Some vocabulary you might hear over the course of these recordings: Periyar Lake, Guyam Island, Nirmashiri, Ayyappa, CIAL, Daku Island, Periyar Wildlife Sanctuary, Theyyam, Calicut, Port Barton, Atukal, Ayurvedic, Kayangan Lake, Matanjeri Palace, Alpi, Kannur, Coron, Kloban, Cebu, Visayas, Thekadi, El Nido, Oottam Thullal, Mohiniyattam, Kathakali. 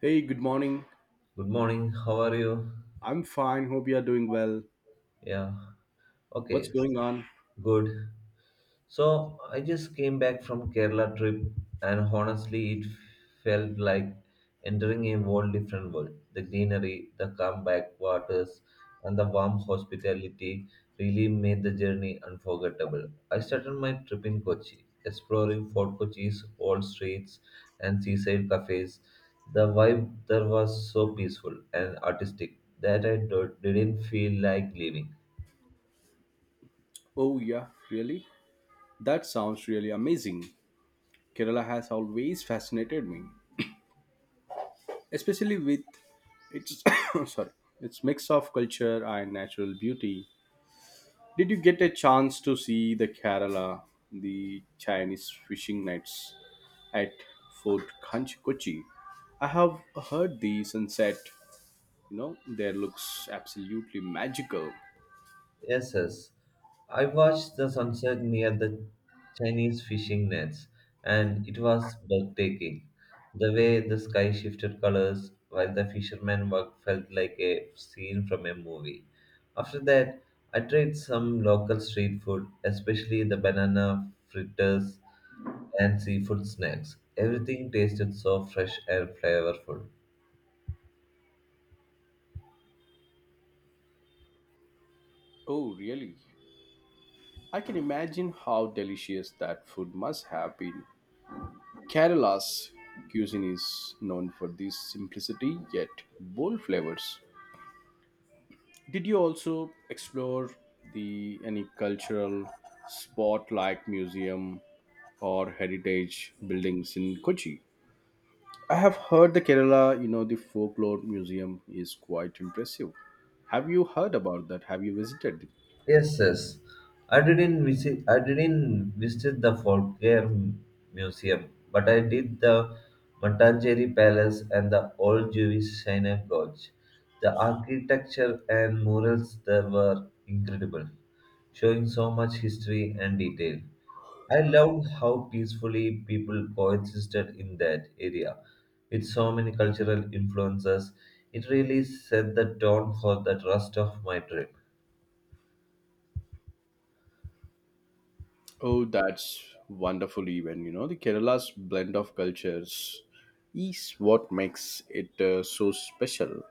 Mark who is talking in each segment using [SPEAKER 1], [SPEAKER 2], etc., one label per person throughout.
[SPEAKER 1] Hey, good morning.
[SPEAKER 2] Good morning. How are you?
[SPEAKER 1] I'm fine. Hope you are doing well.
[SPEAKER 2] Yeah.
[SPEAKER 1] What's
[SPEAKER 2] Okay.
[SPEAKER 1] going on?
[SPEAKER 2] Good. So I just came back from Kerala trip and honestly it felt like entering a whole different world. The greenery, the calm backwaters and the warm hospitality really made the journey unforgettable. I started my trip in Kochi, exploring Fort Kochi's old streets and seaside cafes. The vibe there was so peaceful and artistic that didn't feel like leaving.
[SPEAKER 1] Oh, yeah, really? That sounds really amazing. Kerala has always fascinated me, especially with its sorry, its mix of culture and natural beauty. Did you get a chance to see the Chinese fishing nets at Fort Kanch Kochi? I have heard the sunset, there looks absolutely magical.
[SPEAKER 2] Yes, yes, I watched the sunset near the Chinese fishing nets, and it was breathtaking. The way the sky shifted colors while the fishermen worked felt like a scene from a movie. After that, I tried some local street food, especially the banana fritters and seafood snacks. Everything tasted so fresh and flavorful.
[SPEAKER 1] Oh, really? I can imagine how delicious that food must have been. Kerala's cuisine is known for this simplicity yet bold flavors. Did you also explore the any cultural spot like museum or heritage buildings in Kochi? I have heard the Kerala, you know, the folklore museum is quite impressive. Have you heard about that? Have you visited?
[SPEAKER 2] Yes, yes. I didn't visit the Folklore Museum, but I did the Matanjeri Palace and the Old Jewish Synagogue. The architecture and murals there were incredible, showing so much history and detail. I loved how peacefully people coexisted in that area, with so many cultural influences. It really set the tone for the rest of my trip.
[SPEAKER 1] Oh, that's wonderful even. The Kerala's blend of cultures is what makes it so special.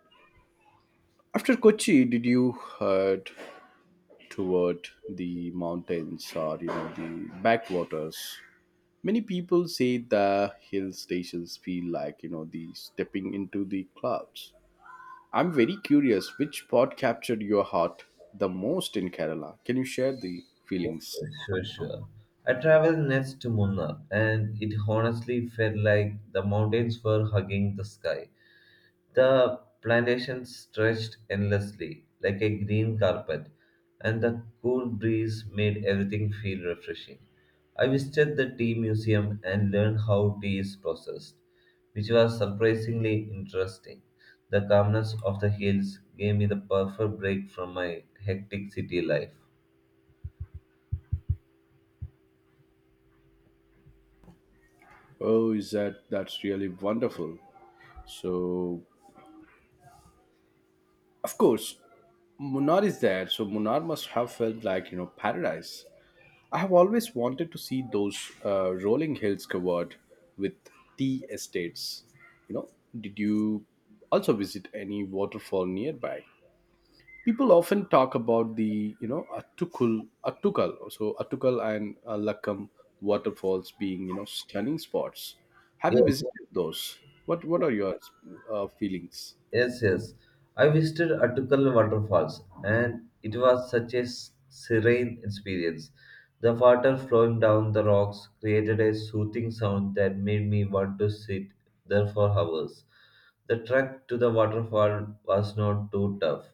[SPEAKER 1] After Kochi, did you head toward the mountains or the backwaters? Many people say the hill stations feel like the stepping into the clouds. I'm very curious which spot captured your heart the most in Kerala. Can you share the feelings?
[SPEAKER 2] Sure, sure, I traveled next to Munnar, and it honestly felt like the mountains were hugging the sky. The plantation stretched endlessly, like a green carpet, and the cool breeze made everything feel refreshing. I visited the tea museum and learned how tea is processed, which was surprisingly interesting. The calmness of the hills gave me the perfect break from my hectic city life.
[SPEAKER 1] Oh, is that that's really wonderful. So, of course, Munnar is there. So, Munnar must have felt like paradise. I have always wanted to see those rolling hills covered with tea estates. You know, did you also visit any waterfall nearby? People often talk about the, you know, Attukul, Attukal, so Attukal and Lakkam waterfalls being stunning spots. Have you
[SPEAKER 2] Yes.
[SPEAKER 1] visited those? What are your feelings?
[SPEAKER 2] Yes, yes, I visited Atukal waterfalls and it was such a serene experience. The water flowing down the rocks created a soothing sound that made me want to sit there for hours. The trek to the waterfall was not too tough,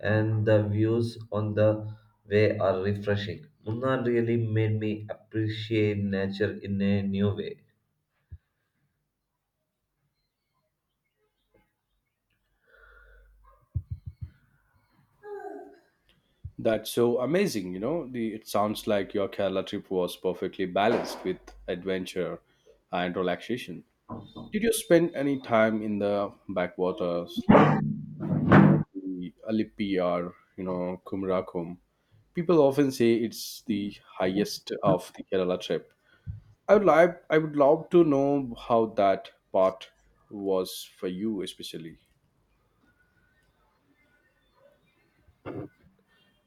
[SPEAKER 2] and the views on the way are refreshing. Munnar really made me appreciate nature in a new way.
[SPEAKER 1] That's so amazing. The it sounds like your Kerala trip was perfectly balanced with adventure and relaxation. Did you spend any time in the backwaters like the Alippi or Kumarakom? People often say it's the highest of the Kerala trip. I would love to know how that part was for you especially.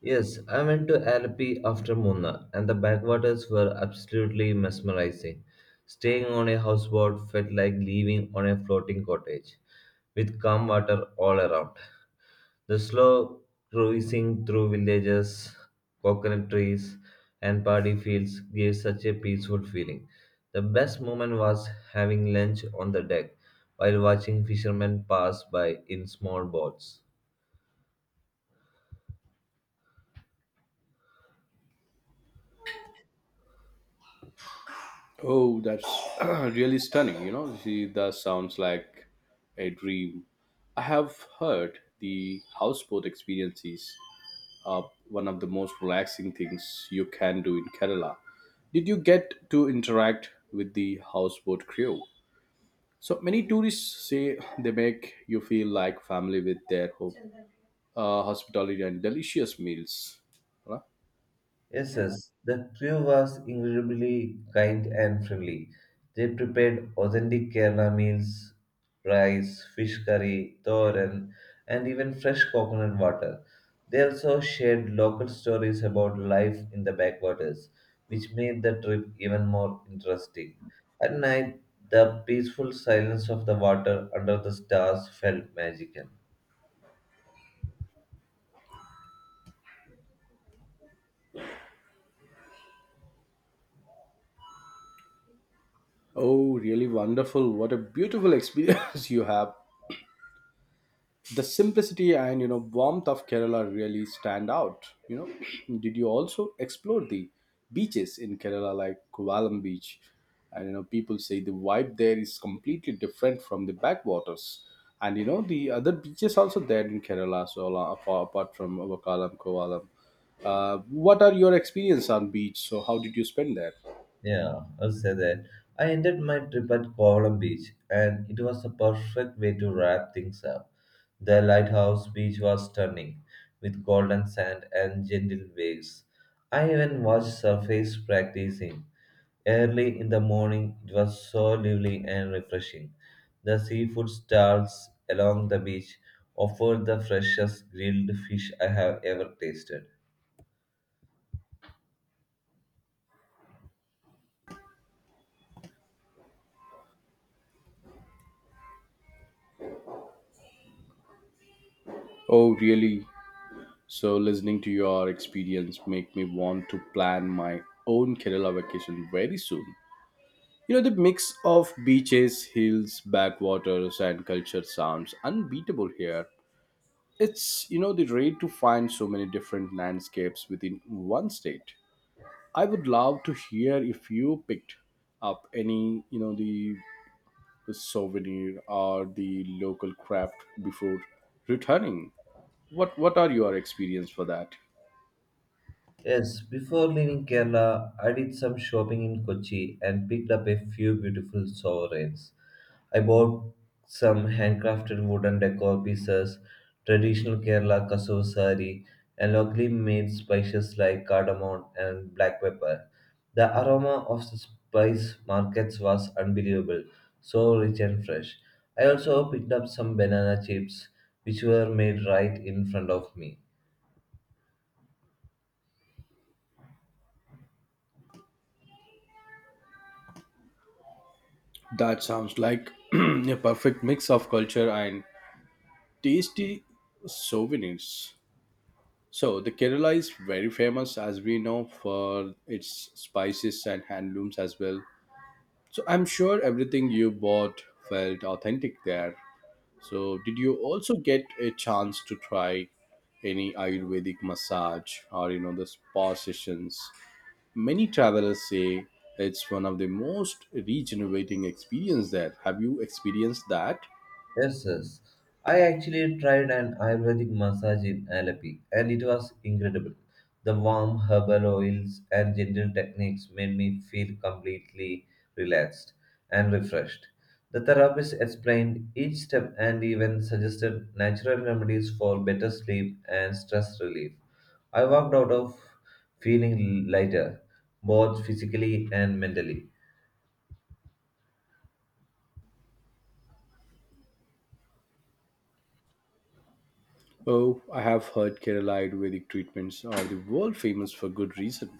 [SPEAKER 2] Yes, I went to Alpi after Munna, and the backwaters were absolutely mesmerizing. Staying on a houseboat felt like living on a floating cottage, with calm water all around. The slow cruising through villages, coconut trees, and paddy fields gave such a peaceful feeling. The best moment was having lunch on the deck while watching fishermen pass by in small boats.
[SPEAKER 1] Oh, that's really stunning. She does sounds like a dream. I have heard the houseboat experiences are one of the most relaxing things you can do in Kerala. Did you get to interact with the houseboat crew? So many tourists say they make you feel like family with their home, hospitality and delicious meals. Huh?
[SPEAKER 2] Yes, yes, the crew was incredibly kind and friendly. They prepared authentic Kerala meals, rice, fish curry, thoran, and even fresh coconut water. They also shared local stories about life in the backwaters, which made the trip even more interesting. At night, the peaceful silence of the water under the stars felt magical.
[SPEAKER 1] Oh, really wonderful! What a beautiful experience you have the simplicity and warmth of Kerala really stand out. Did you also explore the beaches in Kerala like Kovalam beach and people say the vibe there is completely different from the backwaters and the other beaches also there in Kerala so apart from vakalam Kovalam, uh, what are your experience on beach, so how did you spend there?
[SPEAKER 2] Yeah, I'll say that. I ended my trip at Kovalam Beach, and it was the perfect way to wrap things up. The lighthouse beach was stunning, with golden sand and gentle waves. I even watched surface practicing. Early in the morning, it was so lively and refreshing. The seafood stalls along the beach offered the freshest grilled fish I have ever tasted.
[SPEAKER 1] Oh, really? So listening to your experience make me want to plan my own Kerala vacation very soon. The mix of beaches, hills, backwaters, and culture sounds unbeatable here. It's the rare to find so many different landscapes within one state. I would love to hear if you picked up any, you know, the souvenir or the local craft before returning. What are your experience for that?
[SPEAKER 2] Yes, before leaving Kerala, I did some shopping in Kochi and picked up a few beautiful sovereigns. I bought some handcrafted wooden decor pieces, traditional Kerala kasav sari, and locally made spices like cardamom and black pepper. The aroma of the spice markets was unbelievable, so rich and fresh. I also picked up some banana chips, which were made right in front of me.
[SPEAKER 1] That sounds like a perfect mix of culture and tasty souvenirs. So the Kerala is very famous, as we know, for its spices and handlooms as well. So I'm sure everything you bought felt authentic there. So did you also get a chance to try any Ayurvedic massage or the spa sessions? Many travelers say it's one of the most regenerating experience there. Have you experienced that?
[SPEAKER 2] Yes, yes, I actually tried an Ayurvedic massage in Alleppey and it was incredible. The warm herbal oils and gentle techniques made me feel completely relaxed and refreshed. The therapist explained each step and even suggested natural remedies for better sleep and stress relief. I walked out of feeling lighter, both physically and mentally.
[SPEAKER 1] Oh, I have heard Kerala Ayurvedic treatments are the world famous for good reason.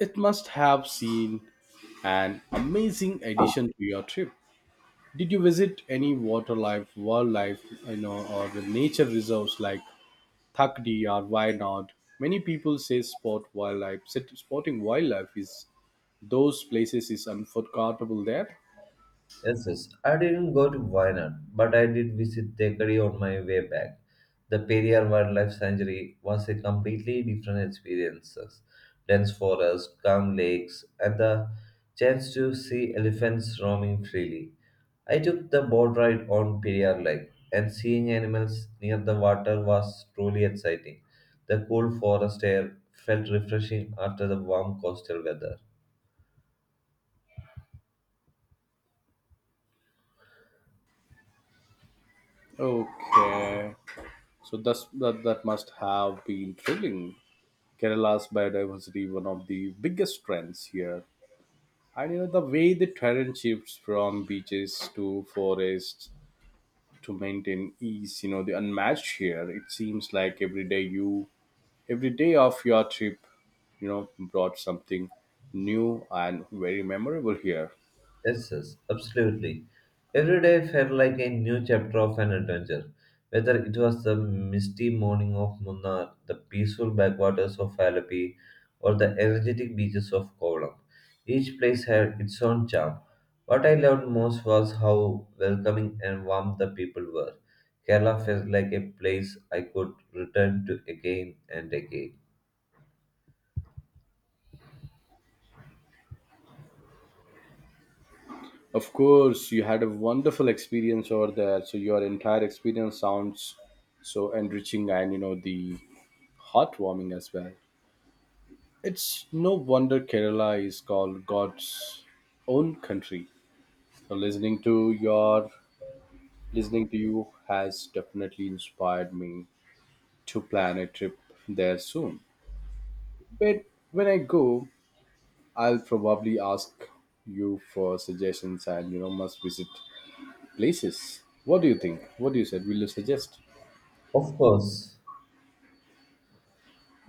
[SPEAKER 1] It must have seen an amazing addition to your trip. Did you visit any wildlife, or the nature reserves like Thakdi or Wayanad? Many people say spotting wildlife is those places is unforgettable there.
[SPEAKER 2] Yes, yes, I didn't go to Wayanad, but I did visit Thekadi on my way back. The Periyar Wildlife Sanctuary was a completely different experience. Dense forests, calm lakes, and the chance to see elephants roaming freely. I took the boat ride on Periyar Lake, and seeing animals near the water was truly exciting. The cool forest air felt refreshing after the warm coastal weather.
[SPEAKER 1] Okay, so that must have been thrilling. Kerala's biodiversity one of the biggest trends here. And the way the terrain shifts from beaches to forests to maintain is you know the unmatched here. It seems like every day of your trip brought something new and very memorable here.
[SPEAKER 2] Yes, yes, absolutely, every day felt like a new chapter of an adventure. Whether it was the misty morning of Munnar, the peaceful backwaters of Alapi, or the energetic beaches of Kovalam, each place had its own charm. What I loved most was how welcoming and warm the people were. Kerala felt like a place I could return to again and again.
[SPEAKER 1] Of course you had a wonderful experience over there, so your entire experience sounds so enriching and you know the heartwarming as well. It's no wonder Kerala is called God's own country. So your listening to you has definitely inspired me to plan a trip there soon. But when I go, I'll probably ask you for suggestions and must visit places. What do you think? What do you said? Will you suggest?
[SPEAKER 2] Of course,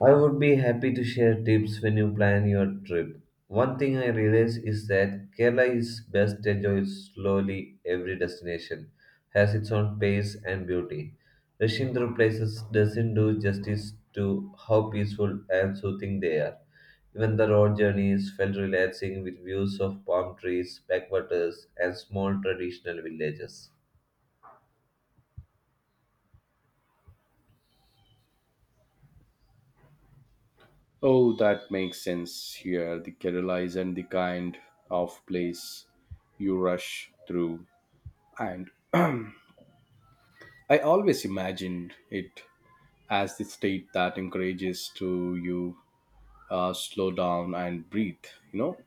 [SPEAKER 2] I would be happy to share tips when you plan your trip. One thing I realize is that Kerala is best enjoyed slowly. Every destination has its own pace and beauty. Rushing through places doesn't do justice to how peaceful and soothing they are. Even the road journeys felt relaxing with views of palm trees, backwaters, and small traditional villages.
[SPEAKER 1] Oh, that makes sense here. The Kerala isn't the kind of place you rush through. And I always imagined it as the state that encourages to you slow down and breathe, you know?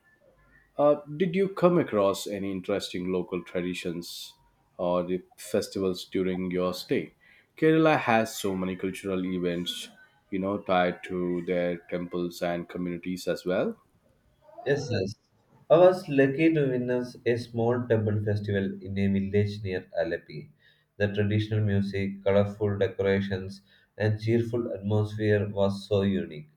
[SPEAKER 1] Did you come across any interesting local traditions or the festivals during your stay? Kerala has so many cultural events tied to their temples and communities as well.
[SPEAKER 2] Yes, yes, I was lucky to witness a small temple festival in a village near Alleppey. The traditional music, colorful decorations, and cheerful atmosphere was so unique.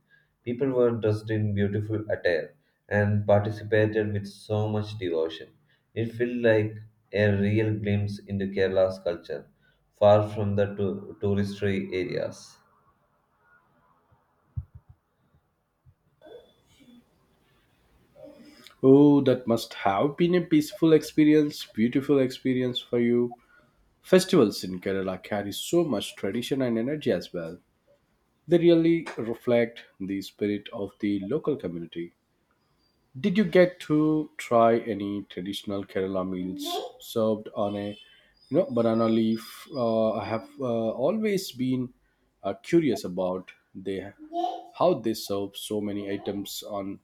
[SPEAKER 2] People were dressed in beautiful attire and participated with so much devotion. It felt like a real glimpse into Kerala's culture, far from the touristy areas.
[SPEAKER 1] Oh, that must have been a peaceful experience, beautiful experience for you. Festivals in Kerala carry so much tradition and energy as well. They really reflect the spirit of the local community. Did you get to try any traditional Kerala meals served on a banana leaf? I have always been curious about they how they serve so many items on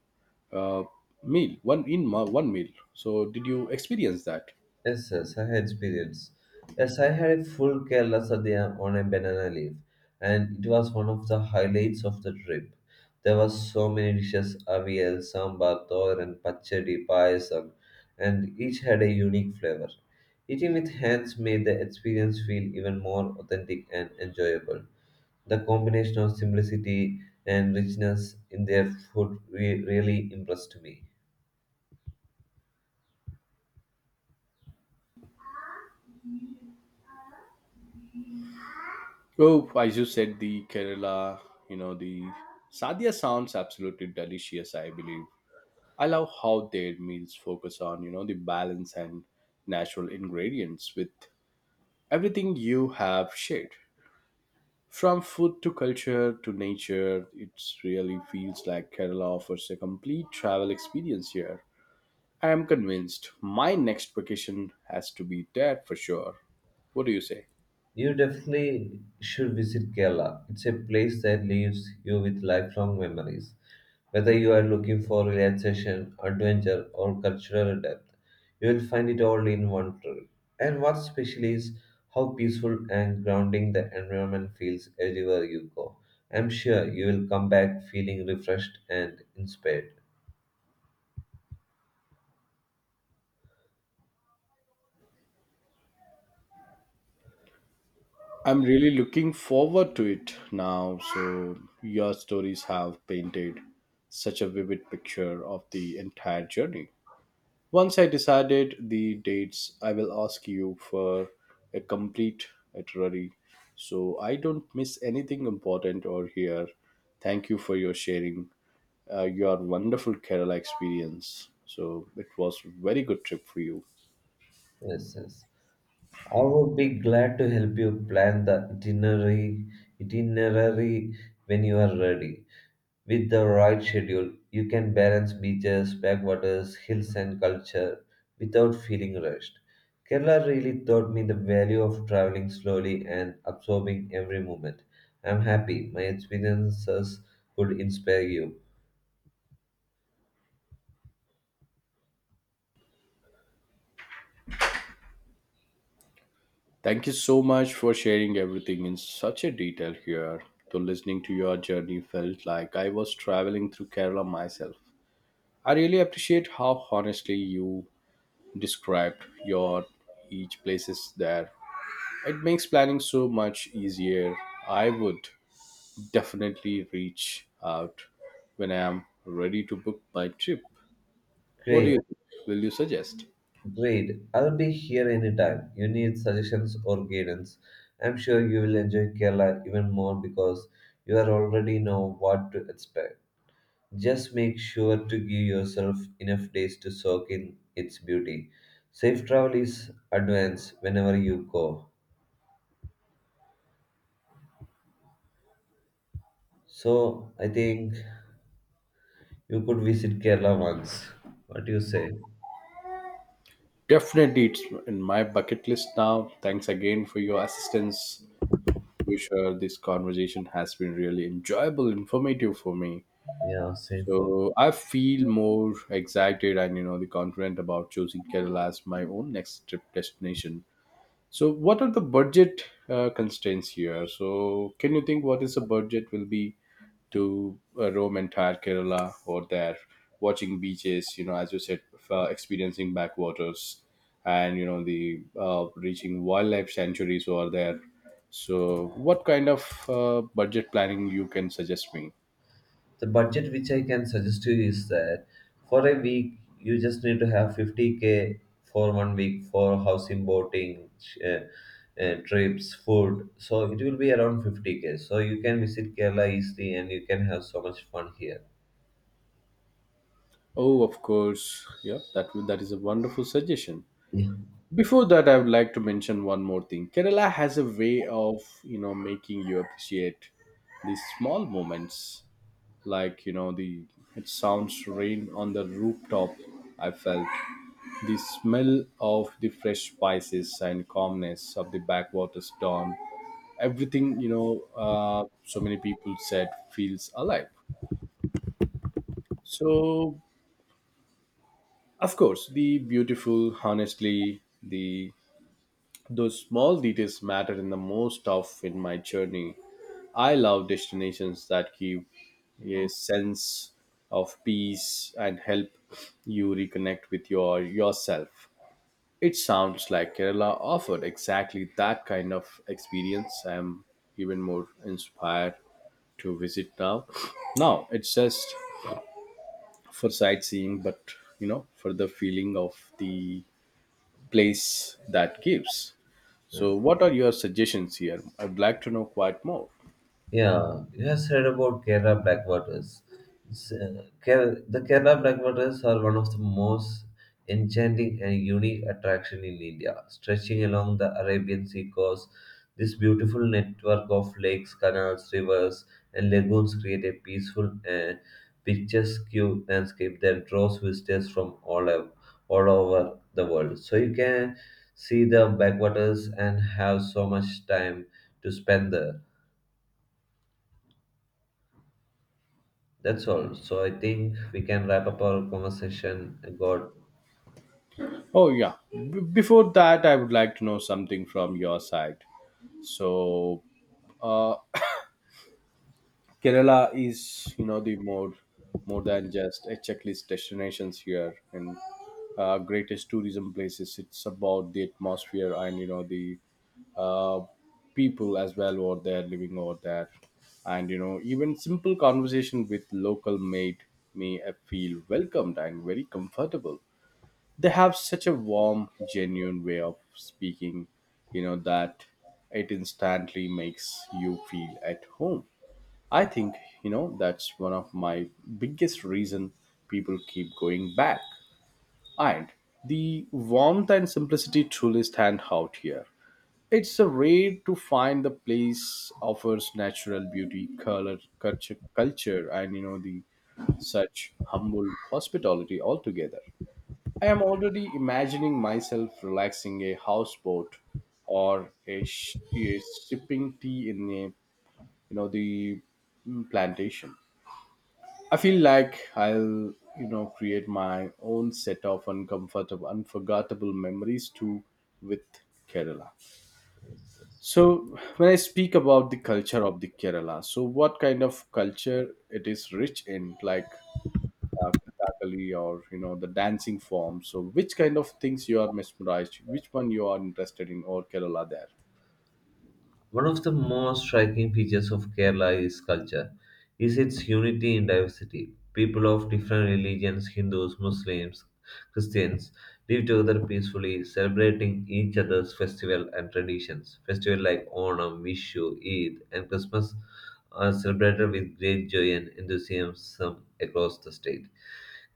[SPEAKER 1] uh, meal one in ma- one meal. So did you experience that?
[SPEAKER 2] Yes, yes, I had experience. Yes, I had a full Kerala sadhya on a banana leaf, and it was one of the highlights of the trip. There were so many dishes: avial, sambar, thoran, pachadi, payasam, and each had a unique flavor. Eating with hands made the experience feel even more authentic and enjoyable. The combination of simplicity and richness in their food really impressed me.
[SPEAKER 1] Oh, as you said, the Kerala, you know, the sadhya sounds absolutely delicious. I love how their meals focus on the balance and natural ingredients with everything you have shared. From food to culture to nature, it really feels like Kerala offers a complete travel experience here. I am convinced my next vacation has to be there for sure. What do you say?
[SPEAKER 2] You definitely should visit Kerala. It's a place that leaves you with lifelong memories. Whether you are looking for relaxation, adventure, or cultural depth, you will find it all in one trip. And what's special is how peaceful and grounding the environment feels everywhere you go. I'm sure you will come back feeling refreshed and inspired.
[SPEAKER 1] I'm really looking forward to it now. So, your stories have painted such a vivid picture of the entire journey. Once I decided the dates, I will ask you for a complete itinerary so I don't miss anything important or here. Thank you for your sharing your wonderful Kerala experience. So it was very good trip for you.
[SPEAKER 2] Yes, yes, I would be glad to help you plan the itinerary when you are ready. With the right schedule, you can balance beaches, backwaters, hills, and culture without feeling rushed. Kerala really taught me the value of traveling slowly and absorbing every moment. I'm happy my experiences could inspire you.
[SPEAKER 1] Thank you so much for sharing everything in such a detail here. So listening to your journey felt like I was traveling through Kerala myself. I really appreciate how honestly you described your each places there. It makes planning so much easier. I would definitely reach out when I am ready to book my trip. What do
[SPEAKER 2] Great,
[SPEAKER 1] you think? Will you suggest?
[SPEAKER 2] great, I'll be here anytime. You need suggestions or guidance. I'm sure you will enjoy Kerala even more because you are already know what to expect. Just make sure to give yourself enough days to soak in its beauty. Safe travel is advanced whenever you go. So I think you could visit Kerala once. What do you say?
[SPEAKER 1] Definitely it's in my bucket list now. Thanks again for your assistance. You sure this conversation has been really enjoyable, informative for me.
[SPEAKER 2] Yeah, same for me.
[SPEAKER 1] So I feel more excited and you know the confident about choosing Kerala as my own next trip destination. So, what are the budget constraints here? So, can you think what is the budget will be to roam entire Kerala or there, watching beaches? As you said, experiencing backwaters, and you know the reaching wildlife sanctuaries over there. So, what kind of budget planning you can suggest me?
[SPEAKER 2] The budget which I can suggest to you is that for a week you just need to have 50K for one week for housing, boating, trips, food. So it will be around 50K. So you can visit Kerala easily and you can have so much fun here.
[SPEAKER 1] Oh, of course, yeah, that is a wonderful suggestion.
[SPEAKER 2] Yeah,
[SPEAKER 1] Before that, I would like to mention one more thing. Kerala has a way of making you appreciate these small moments. Like, you know, the it sounds rain on the rooftop. I felt the smell of the fresh spices and calmness of the backwaters dawn. Everything, so many people said feels alive. So, of course, the beautiful, honestly, the Those small details mattered in the most of in my journey. I love destinations that give a sense of peace and help you reconnect with yourself. It sounds like Kerala offered exactly that kind of experience. I'm even more inspired to visit now. Now it's just for sightseeing, but for the feeling of the place that gives. So,
[SPEAKER 2] yes.
[SPEAKER 1] what are your suggestions here? I'd like to know quite more.
[SPEAKER 2] Yeah, you have heard about Kerala backwaters. The Kerala backwaters are one of the most enchanting and unique attraction in India. Stretching along the Arabian Sea coast, this beautiful network of lakes, canals, rivers, and lagoons create a peaceful and picturesque landscape that draws visitors from all over the world. So you can see the backwaters and have so much time to spend there. That's all. So I think we can wrap up our conversation. God.
[SPEAKER 1] Oh, yeah. Before that, I would like to know something from your side. So, uh, Kerala is, you know, the more more than just a checklist destinations here and greatest tourism places. It's about the atmosphere and you know the uh, people as well over there living over there, and even simple conversation with local made me feel welcomed and very comfortable. They have such a warm, genuine way of speaking, that it instantly makes you feel at home. I think that's one of my biggest reason people keep going back. And the warmth and simplicity truly stand out here. It's a rare to find the place offers natural beauty, color, culture and the such humble hospitality altogether. I am already imagining myself relaxing a houseboat or a sipping tea in a you know the plantation. I feel like I'll create my own set of unforgettable memories too with Kerala. So when I speak about the culture of the Kerala, so what kind of culture it is rich in? Like Kathakali or the dancing form. So which kind of things you are mesmerized? Which one you are interested in or Kerala there?
[SPEAKER 2] One of the most striking features of Kerala is culture, is its unity in diversity. People of different religions, Hindus, Muslims, Christians, live together peacefully, celebrating each other's festival and traditions. Festivals like Onam, Vishu, Eid, and Christmas are celebrated with great joy and enthusiasm across the state.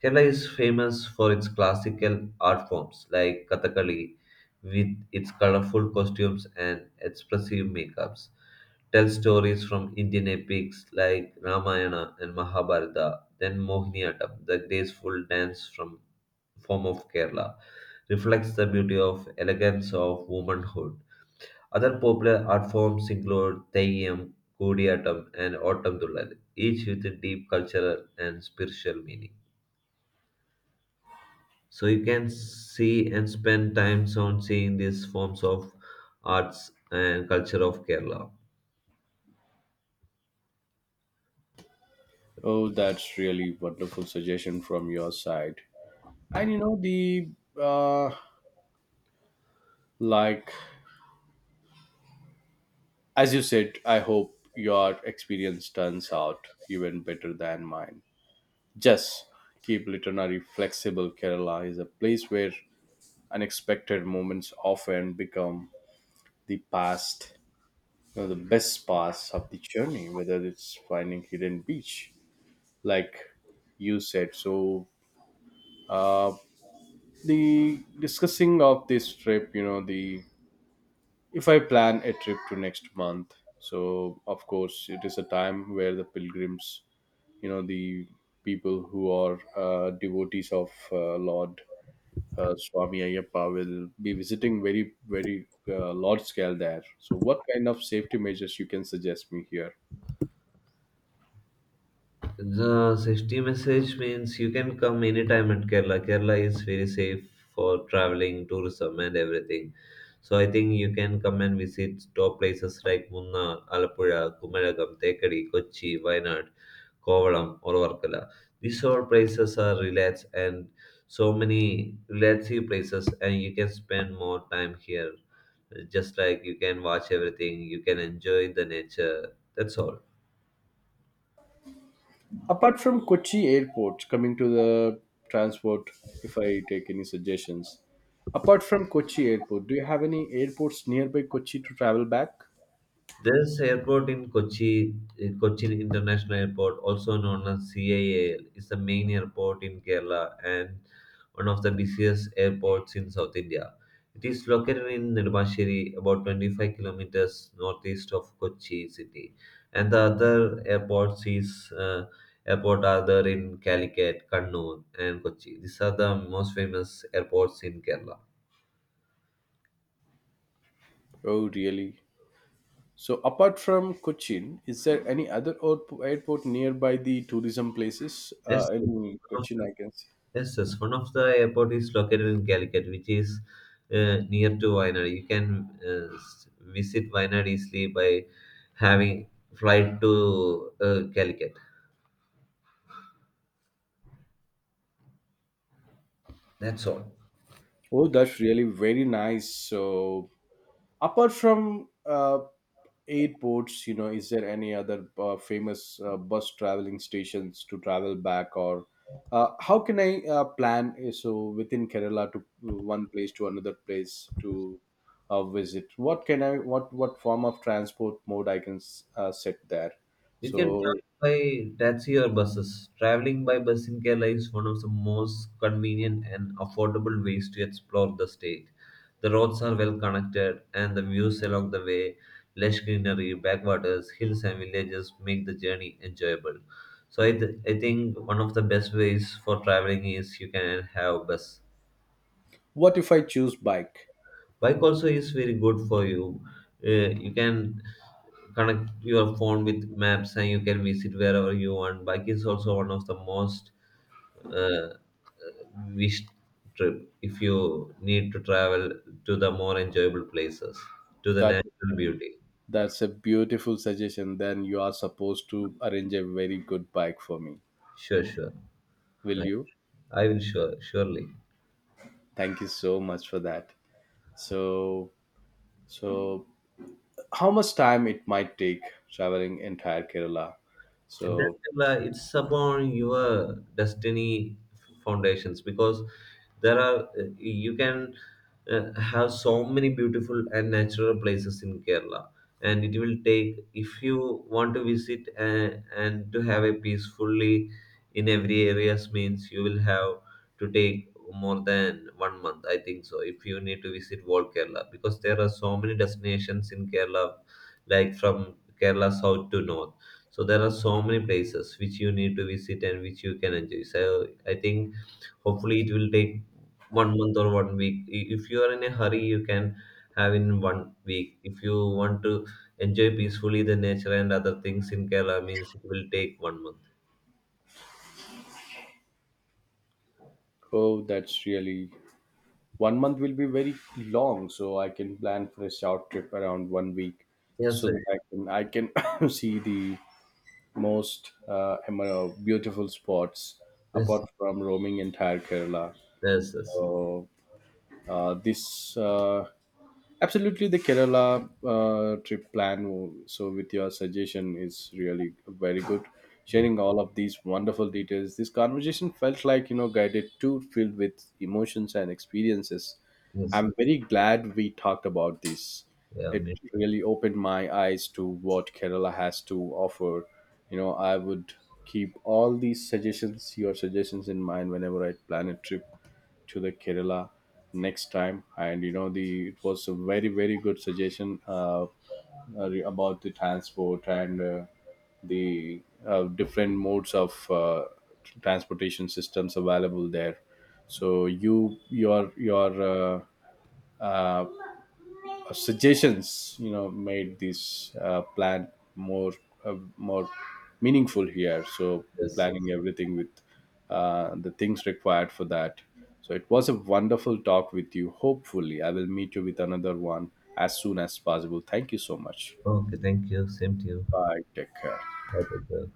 [SPEAKER 2] Kerala is famous for its classical art forms like Kathakali with its colorful costumes and expressive makeups, tells stories from Indian epics like Ramayana and Mahabharata, then Mohiniyattam, the graceful dance from form of Kerala, reflects the beauty of elegance of womanhood. Other popular art forms include Theyyam, Koodiyatam, and Oottam Thullal, each with a deep cultural and spiritual meaning. So you can see and spend time on seeing these forms of arts and culture of Kerala.
[SPEAKER 1] Oh, that's really wonderful suggestion from your side. And you know the uh, like, as you said, I hope your experience turns out even better than mine. Just keep literary flexible. Kerala is a place where unexpected moments often become the past you know, the best parts of the journey, whether it's finding hidden beach, like you said. So, uh, the discussing of this trip, you know, the if I plan a trip to next month, so of course it is a time where the pilgrims, the people who are devotees of Lord. Swami Ayyappa will be visiting very, very large scale there. So, what kind of safety measures you can suggest me here?
[SPEAKER 2] The safety message means you can come anytime at Kerala. Kerala is very safe for traveling, tourism, and everything. So I think you can come and visit top places like Munnar, Alapuzha, Kumaragam, Tekadi, Kochi, Wayanad, Kovalam, or Varkala. These all places are relaxed and so many relaxing places, and you can spend more time here just like you can watch everything, you can enjoy the nature. That's all.
[SPEAKER 1] Apart from Kochi Airport, coming to the transport, if I take any suggestions, apart from Kochi Airport, do you have any airports nearby Kochi to travel back?
[SPEAKER 2] This airport in Kochi, Cochin International Airport, also known as CIAL, is the main airport in Kerala and one of the busiest airports in South India. It is located in Nirmashiri, about 25 kilometers northeast of Kochi city. And the other airports is airport are there in Calicut, Kannur, and Kochi. These are the most famous airports in Kerala.
[SPEAKER 1] Oh, really? So, apart from Cochin, is there any other airport nearby the tourism places
[SPEAKER 2] Yes, yes,
[SPEAKER 1] in
[SPEAKER 2] one of
[SPEAKER 1] Cochin?
[SPEAKER 2] the,
[SPEAKER 1] I can see.
[SPEAKER 2] yes, yes, one of the airport is located in Calicut, which is near to Wayanad. You can visit Wayanad easily by having flight to Calicut. That's all.
[SPEAKER 1] Oh, that's really very nice. So, apart from airports, is there any other famous bus traveling stations to travel back, or how can I plan so within Kerala to one place to another place to visit? What form of transport mode I can set there?
[SPEAKER 2] You can travel
[SPEAKER 1] So
[SPEAKER 2] by taxi or buses. Traveling by bus in Kerala is one of the most convenient and affordable ways to explore the state. The roads are well connected, and the views along the way, lush greenery, backwaters, hills, and villages make the journey enjoyable. So, I think one of the best ways for traveling is you can have bus.
[SPEAKER 1] what if I choose bike?
[SPEAKER 2] Bike also is very good for you. You can connect your phone with maps and you can visit wherever you want. Bike is also one of the most uh, wished trip if you need to travel to the more enjoyable places, to the
[SPEAKER 1] That's
[SPEAKER 2] natural beauty.
[SPEAKER 1] that's a beautiful suggestion. Then you are supposed to arrange a very good bike for me.
[SPEAKER 2] Sure, sure,
[SPEAKER 1] Will
[SPEAKER 2] i
[SPEAKER 1] you?
[SPEAKER 2] I will surely.
[SPEAKER 1] Thank you so much for that. So, so, how much time it might take traveling entire Kerala?
[SPEAKER 2] And that
[SPEAKER 1] So,
[SPEAKER 2] it's upon your destiny foundations because there are you can have so many beautiful and natural places in Kerala, and it will take if you want to visit and to have a peacefully in every areas means you will have to take more than one month. I think so. If you need to visit whole Kerala, because there are so many destinations in Kerala, like from Kerala south to north, so there are so many places which you need to visit and which you can enjoy. So I think hopefully it will take one month or one week. If you are in a hurry, you can have in one week. If you want to enjoy peacefully the nature and other things in Kerala, means it will take one month.
[SPEAKER 1] oh, that's really one month will be very long. So I can plan for a short trip around one week,
[SPEAKER 2] Yes,
[SPEAKER 1] so
[SPEAKER 2] sir.
[SPEAKER 1] that I can see the most beautiful spots
[SPEAKER 2] Yes, sir.
[SPEAKER 1] apart from roaming entire Kerala.
[SPEAKER 2] Yes, yes.
[SPEAKER 1] So, this absolutely, the Kerala trip plan. So, with your suggestion, is really very good.
[SPEAKER 2] Yeah,
[SPEAKER 1] Sharing all of these wonderful details, this conversation felt like guided tour filled with emotions and experiences.
[SPEAKER 2] yes, sir.
[SPEAKER 1] I'm very glad we talked about this.
[SPEAKER 2] Yeah.
[SPEAKER 1] It
[SPEAKER 2] I.
[SPEAKER 1] really opened my eyes to what Kerala has to offer. I would keep all these suggestions, your suggestions, in mind whenever I plan a trip to the Kerala next time. And you know, the it was a very very good suggestion about the transport and the different modes of transportation systems available there. So you your uh, uh, suggestions made this plan more uh, more meaningful here. So
[SPEAKER 2] Yes, sir.
[SPEAKER 1] planning everything with the things required for that. So it was a wonderful talk with you. Hopefully I will meet you with another one as soon as possible. Thank you so much.
[SPEAKER 2] Okay, thank you. Same to you.
[SPEAKER 1] Bye, take care.
[SPEAKER 2] Have a good day.